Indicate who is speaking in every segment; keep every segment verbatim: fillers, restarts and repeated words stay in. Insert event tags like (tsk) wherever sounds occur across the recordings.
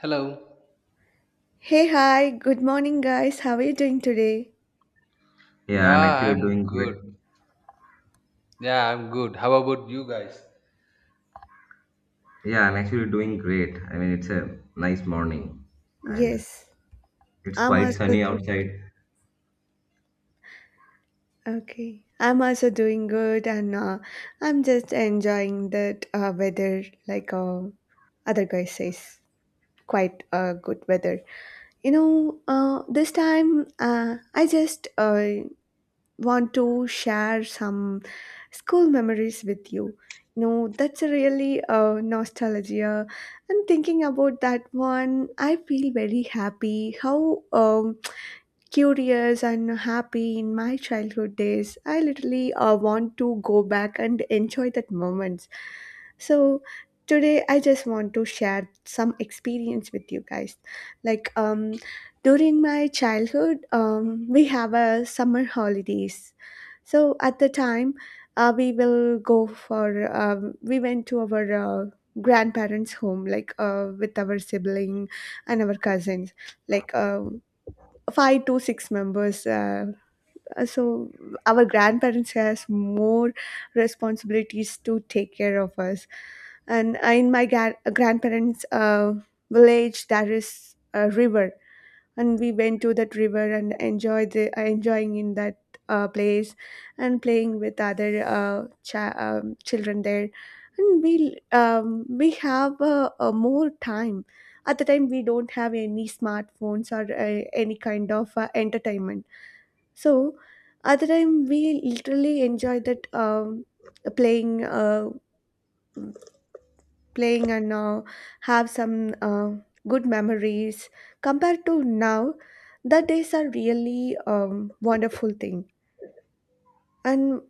Speaker 1: Hello.
Speaker 2: Hey, hi, good morning, guys. How are you doing today?
Speaker 3: Yeah, I'm
Speaker 1: Yeah,
Speaker 3: actually
Speaker 1: I'm
Speaker 3: doing great.
Speaker 1: good. Yeah, I'm good. How about you guys?
Speaker 3: Yeah, I'm actually doing great. I mean, it's a nice morning and
Speaker 2: Yes,
Speaker 3: it's
Speaker 2: I'm
Speaker 3: quite
Speaker 2: also
Speaker 3: sunny
Speaker 2: doing
Speaker 3: outside.
Speaker 2: okay. I'm also doing good, and uh, I'm just enjoying that uh, weather, like uh, other guy says, quite uh, good weather. You know, uh, this time uh, I just uh, want to share some school memories with you. You know, that's a really uh, nostalgia. And thinking about that one, I feel very happy. How um, curious and happy in my childhood days. I literally uh, want to go back and enjoy that moments. So today I just want to share some experience with you guys. Like um, during my childhood, um, we have a summer holidays. So at the time, uh, we will go for um, we went to our uh, grandparents' home, like uh, with our sibling and our cousins. Like uh, five to six members. Uh, uh, so our grandparents has more responsibilities to take care of us. And in my gra- grandparents' uh, village, there is a river and we went to that river and enjoyed the, uh, enjoying in that uh, place and playing with other uh, cha- um, children there and we um, we have uh, uh, more time. At the time we don't have any smartphones or uh, any kind of uh, entertainment, so at the time we literally enjoyed that um, playing. Uh, playing and uh, have some uh, good memories compared to now. The days are really um, wonderful thing. And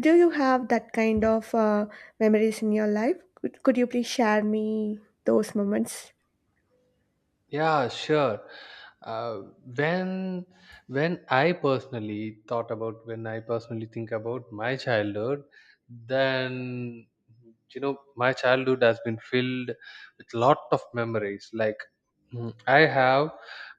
Speaker 2: do you have that kind of uh, memories in your life? Could, could you please share me those moments?
Speaker 1: Yeah, sure. Uh, when when I personally thought about when I personally think about my childhood, then you know my childhood has been filled with lot of memories. Like mm, I have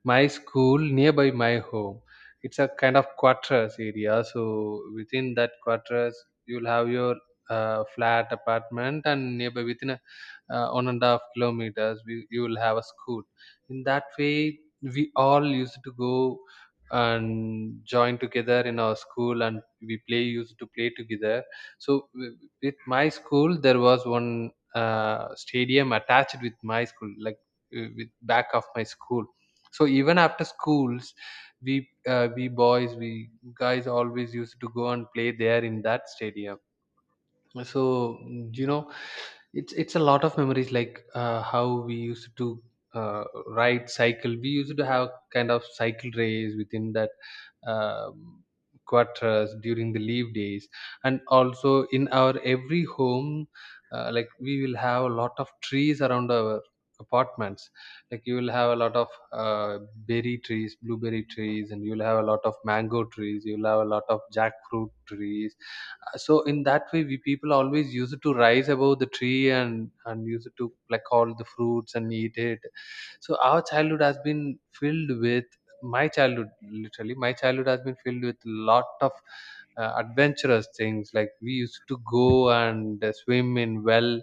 Speaker 1: my school nearby my home. It's a kind of quarters area. So within that quarters, you'll have your uh, flat apartment, and nearby within a, uh, one and a half kilometers, we, you will have a school in that way we all used to go and join together in our school and we play used to play together so w- with my school there was one uh, stadium attached with my school, like uh, with back of my school. So even after schools we uh, we boys, we guys always used to go and play there in that stadium. So mm, you know, it's it's a lot of memories, like uh, how we used to uh, ride cycle. We used to have kind of cycle race within that um, quarters during the leave days. And also in our every home, uh, like we will have a lot of trees around our apartments. Like you will have a lot of uh, berry trees, blueberry trees, and you will have a lot of mango trees, you will have a lot of jackfruit trees. Uh, so in that way we people always use it to rise above the tree and and use it to pluck all the fruits and eat it. So our childhood has been filled with my childhood literally my childhood has been filled with lot of uh, adventurous things, like we used to go and swim in well,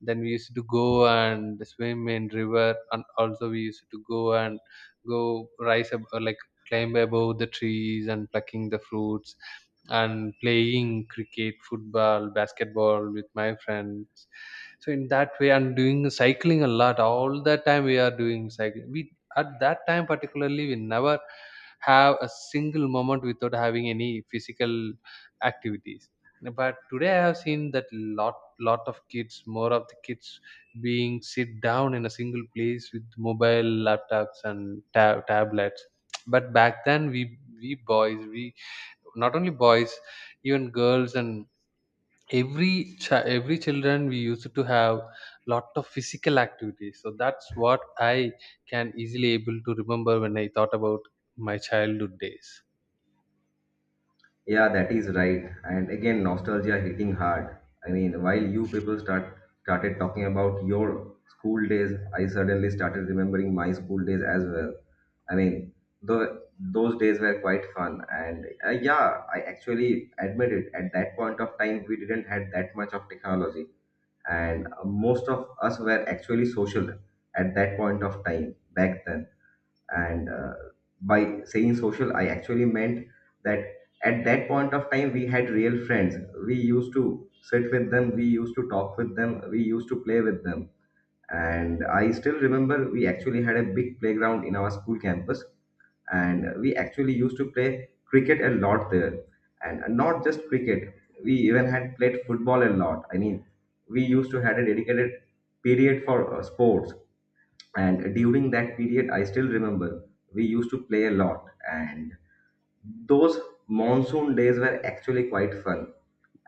Speaker 1: then we used to go and swim in river, and also we used to go and go rise up like climb above the trees and plucking the fruits, and playing cricket, football, basketball with my friends. So in that way, I'm doing cycling a lot. All the time we are doing cycling. We At that time particularly we never have a single moment without having any physical activities. But today I have seen that lot lot of kids, more of the kids being sit down in a single place with mobile laptops and tab- tablets. But back then we we boys we not only boys, even girls and every chi- every children, we used to have lot of physical activities. So that's what I can easily able to remember when I thought about my childhood days.
Speaker 3: Yeah, that is right. And again, nostalgia hitting hard. I mean, while you people start started talking about your school days, I suddenly started remembering my school days as well. I mean, the those days were quite fun and uh, yeah, I actually admit it. At that point of time, we didn't had that much of technology, and uh, most of us were actually social at that point of time back then. And uh, by saying social, I actually meant that at that point of time we had real friends. We used to sit with them, we used to talk with them, we used to play with them, and I still remember we actually had a big playground in our school campus, and we actually used to play cricket a lot there. And not just cricket, we even had played football a lot. I mean, we used to had a dedicated period for uh, sports, and during that period I still remember we used to play a lot. And those monsoon days were actually quite fun.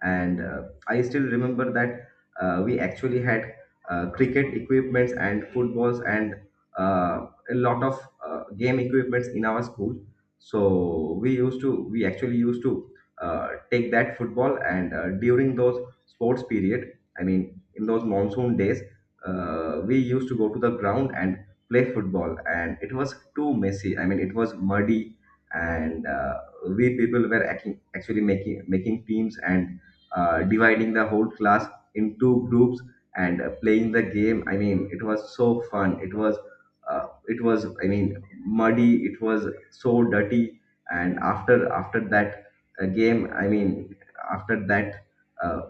Speaker 3: And uh, I still remember that uh, we actually had uh, cricket equipments and footballs and uh, a lot of uh, game equipments in our school. So we used to we actually used to uh, take that football, and uh, during those sports period, I mean in those monsoon days, uh, we used to go to the ground and play football, and it was too messy. I mean, it was muddy. And uh, we people were acting, actually making making teams and uh, dividing the whole class into groups and uh, playing the game. I mean, it was so fun. It was uh, it was I mean, muddy, it was so dirty. And after after that uh, game, I mean, after that, uh,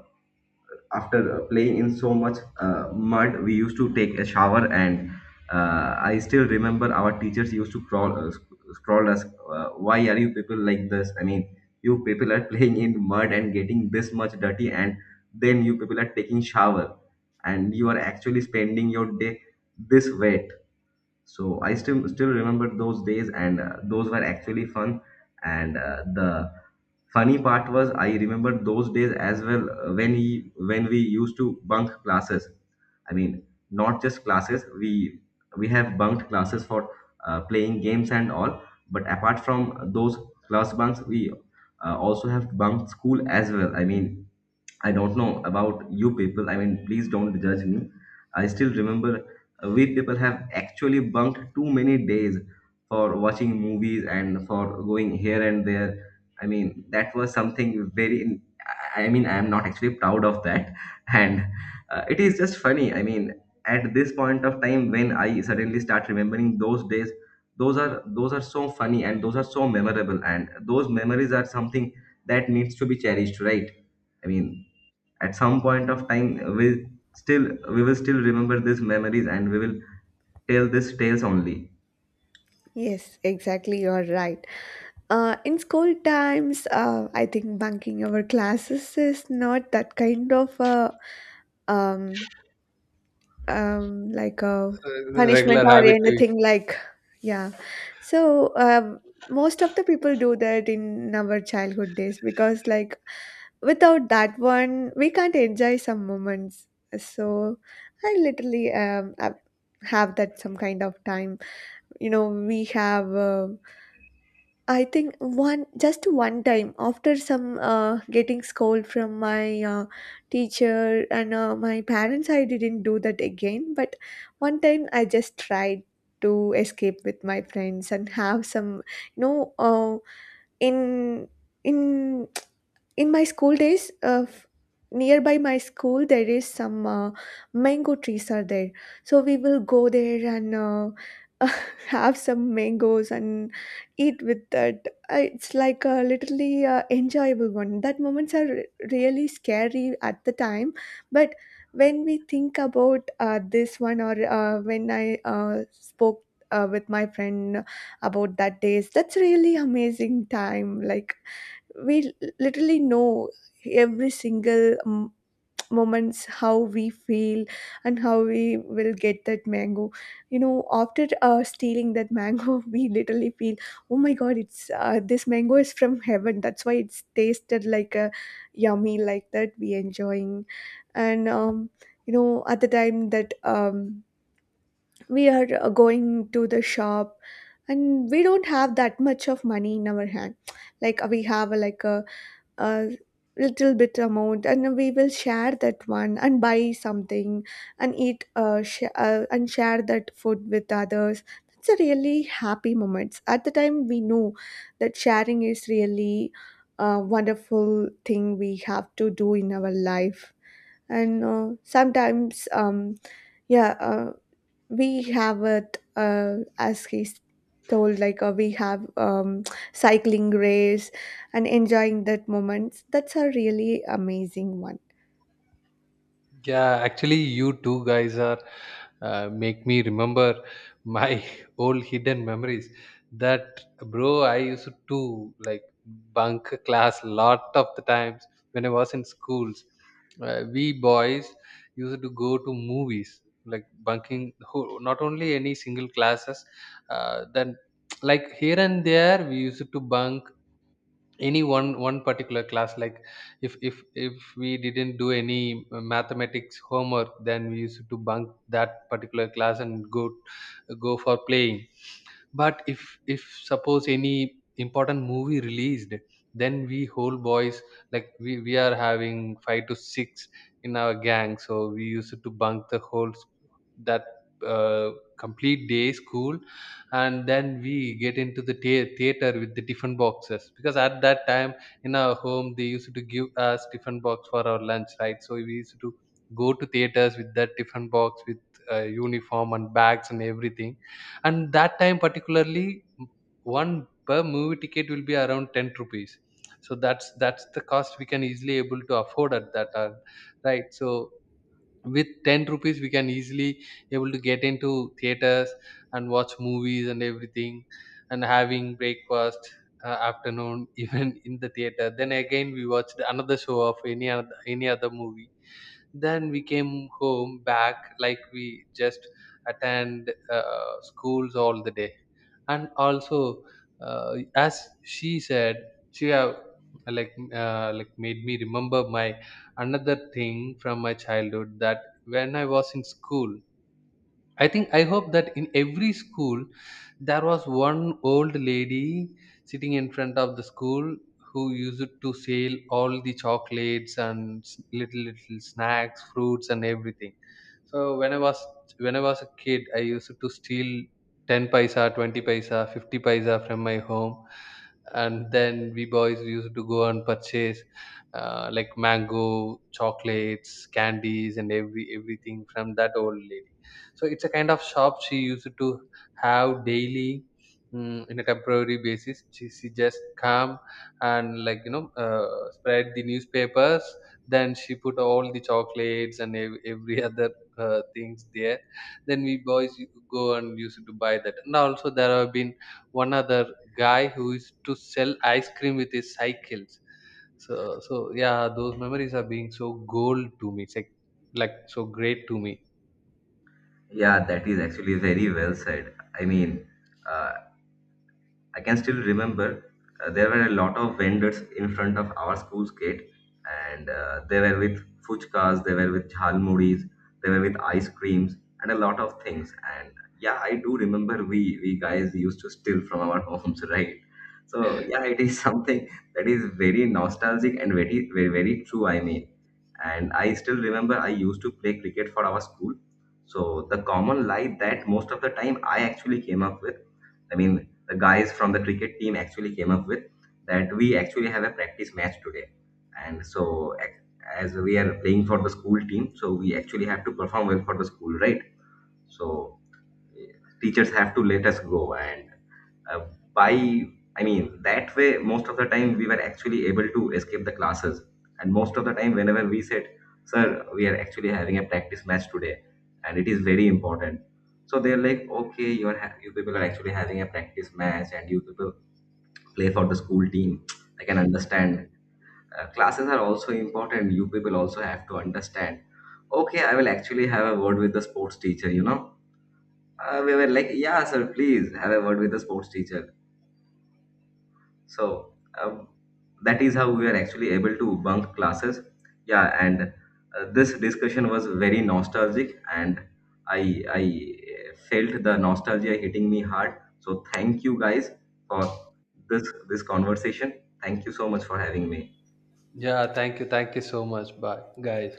Speaker 3: after uh, playing in so much uh, mud, we used to take a shower. And uh, I still remember our teachers used to crawl, uh, sc- scroll us, uh, why are you people like this? I mean, you people are (laughs) playing in mud and getting this much dirty, and then you people are taking shower, and you are actually spending your day this wet. So i still still remember those days, and uh, those were actually fun. And uh, the funny part was, I remember those days as well, uh, when he when we used to bunk classes. I mean, not just classes. We we have bunked classes for uh, playing games and all. But apart from those class bunks, we uh, also have bunked school as well. I mean, I don't know about you people. I mean, please don't judge me. I still remember uh, we people have actually bunked too many days for watching movies and for going here and there. I mean, that was something very, I mean, I'm not actually proud of that. (laughs) And uh, it is just funny. I mean, at this point of time, when I suddenly start remembering those days, those are those are so funny, and those are so memorable, and those memories are something that needs to be cherished, right? I mean, at some point of time, we still we will still remember these memories, and we will tell these tales only.
Speaker 2: Yes, exactly, you're right. uh, in school times, uh, I think bunking our classes is not that kind of a um, um like a
Speaker 1: Uh,
Speaker 2: punishment
Speaker 1: regular
Speaker 2: or
Speaker 1: habit to.
Speaker 2: anything like. Yeah. So um most of the people do that in our childhood days because like without that one we can't enjoy some moments. So I literally um have have that some kind of time. You know, we have uh, I think one, just one time, after some uh, getting scold from my uh, teacher and uh, my parents, I didn't do that again. But one time I just tried to escape with my friends and have some, you know, uh, in in in my school days of, nearby my school there is some uh, mango trees are there. So we will go there and uh, (laughs) have some mangoes and eat with that. Uh, it's like a literally uh, enjoyable one. That moments are re- really scary at the time. But when we think about uh, this one, or uh, when i uh, spoke uh, with my friend about that days, that's really amazing time. Like we l- literally know every single um, moments, how we feel and how we will get that mango. You know, after uh, stealing that mango, (laughs) we literally feel, oh my god, it's uh, this mango is from heaven, that's why it's tasted like a yummy, like that we enjoying. And um, you know, at the time that um, we are uh, going to the shop, and we don't have that much of money in our hand. Like uh, we have uh, like a, a little bit amount, and we will share that one and buy something and eat uh, sh- uh, and share that food with others. That's a really happy moments. At the time we know that sharing is really a wonderful thing we have to do in our life. And uh, sometimes um yeah uh, we have it, uh, as he's told, like uh, we have um, cycling race and enjoying that moments. That's a really amazing one.
Speaker 1: Yeah, actually, you two guys are uh, make me remember my (laughs) old hidden memories. That bro, I used to like bunk class lot of the times when I was in schools. Uh, we boys used to go to movies, like bunking who- not only any single classes, uh, then (tsk) like here and there we used to bunk any one one particular class, like if if if we didn't do any uh, mathematics homework, then we used to bunk that particular class and go go for playing. But if if suppose any important movie released, then we whole boys, like we, we are having five to six in our gang, so we used to bunk the whole s- that uh, complete day school. And then we get into the thea- theater with the different boxes, because at that time in our home they used to give us different box for our lunch, right? So we used to go to theaters with that different box with uh, uniform and bags and everything. And that time particularly one per movie ticket will be around ten rupees. So that's that's the cost we can easily able to afford at that time, right? So with ten rupees we can easily able to get into theaters and watch movies and everything, and having breakfast, uh, afternoon, (laughs) even in the theater, then again we watched another show of any other, any other movie. Then we came home back, like we just attend uh, schools all the day. And also, uh, as she said, she have like uh, like made me remember my another thing from my childhood. That when I was in school, I think I hope that in every school there was one old lady sitting in front of the school who used to sell all the chocolates and s- little little snacks, fruits, and everything. So when I was when I was a kid, I used to steal ten paisa, twenty paisa, fifty paisa from my home, and then we boys used to go and purchase uh, like mango chocolates, candies, and every everything from that old lady. So it's a kind of shop she used to have daily. Mm, in a temporary basis, she, she just come and, like, you know, uh, spread the newspapers, then she put all the chocolates and ev- every (laughs) other uh, things there. Then we boys go and used to buy that. And also there have been one other guy who used to sell ice cream with his cycles. So so yeah, those memories are being so gold to me. It's like like so great to me.
Speaker 3: Yeah, that is actually very well said. I mean, uh, I can still remember uh, there were a lot of vendors in front of our school's gate, and uh, they were with fuchkas, they were with jhalmuris, they were with ice creams, and a lot of things. And yeah, I do remember we we guys used to steal from our homes, (laughs) right? So yeah, it is (laughs) something that is very nostalgic and very very, very true. I mean, and I still remember I used to play cricket for our school. So the common lie that most of the time I actually came up with, I mean, the guys from the cricket team actually came up with, that we actually have a practice match today, and so, ac- as we are playing for the school team, so we actually have to perform well for the school, right? So teachers have to let us go. And uh, by I mean, that way most of the time we were actually able to escape the classes. And most of the time whenever we said, sir, we are actually having a practice match today and it is very important, so they're like, okay, you're ha- you people are actually having a practice match, and you people play for the school team, I can understand. Uh, classes are also important, you people also have to understand. Okay, I will actually have a word with the sports teacher. You know, uh, we were like, yeah, sir, please have a word with the sports teacher. So um, that is how we were actually able to bunk classes. Yeah, and uh, this discussion was very nostalgic, and I I uh, felt the nostalgia hitting me hard. So thank you guys for this this conversation. Thank you so much for having me.
Speaker 1: Yeah, thank you, thank you so much. Bye, guys.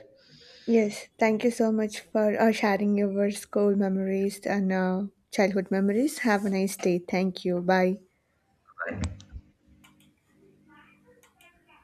Speaker 2: Yes, thank you so much for uh, sharing your school memories and uh, childhood memories. Have a nice day. Thank you. Bye.
Speaker 3: Bye.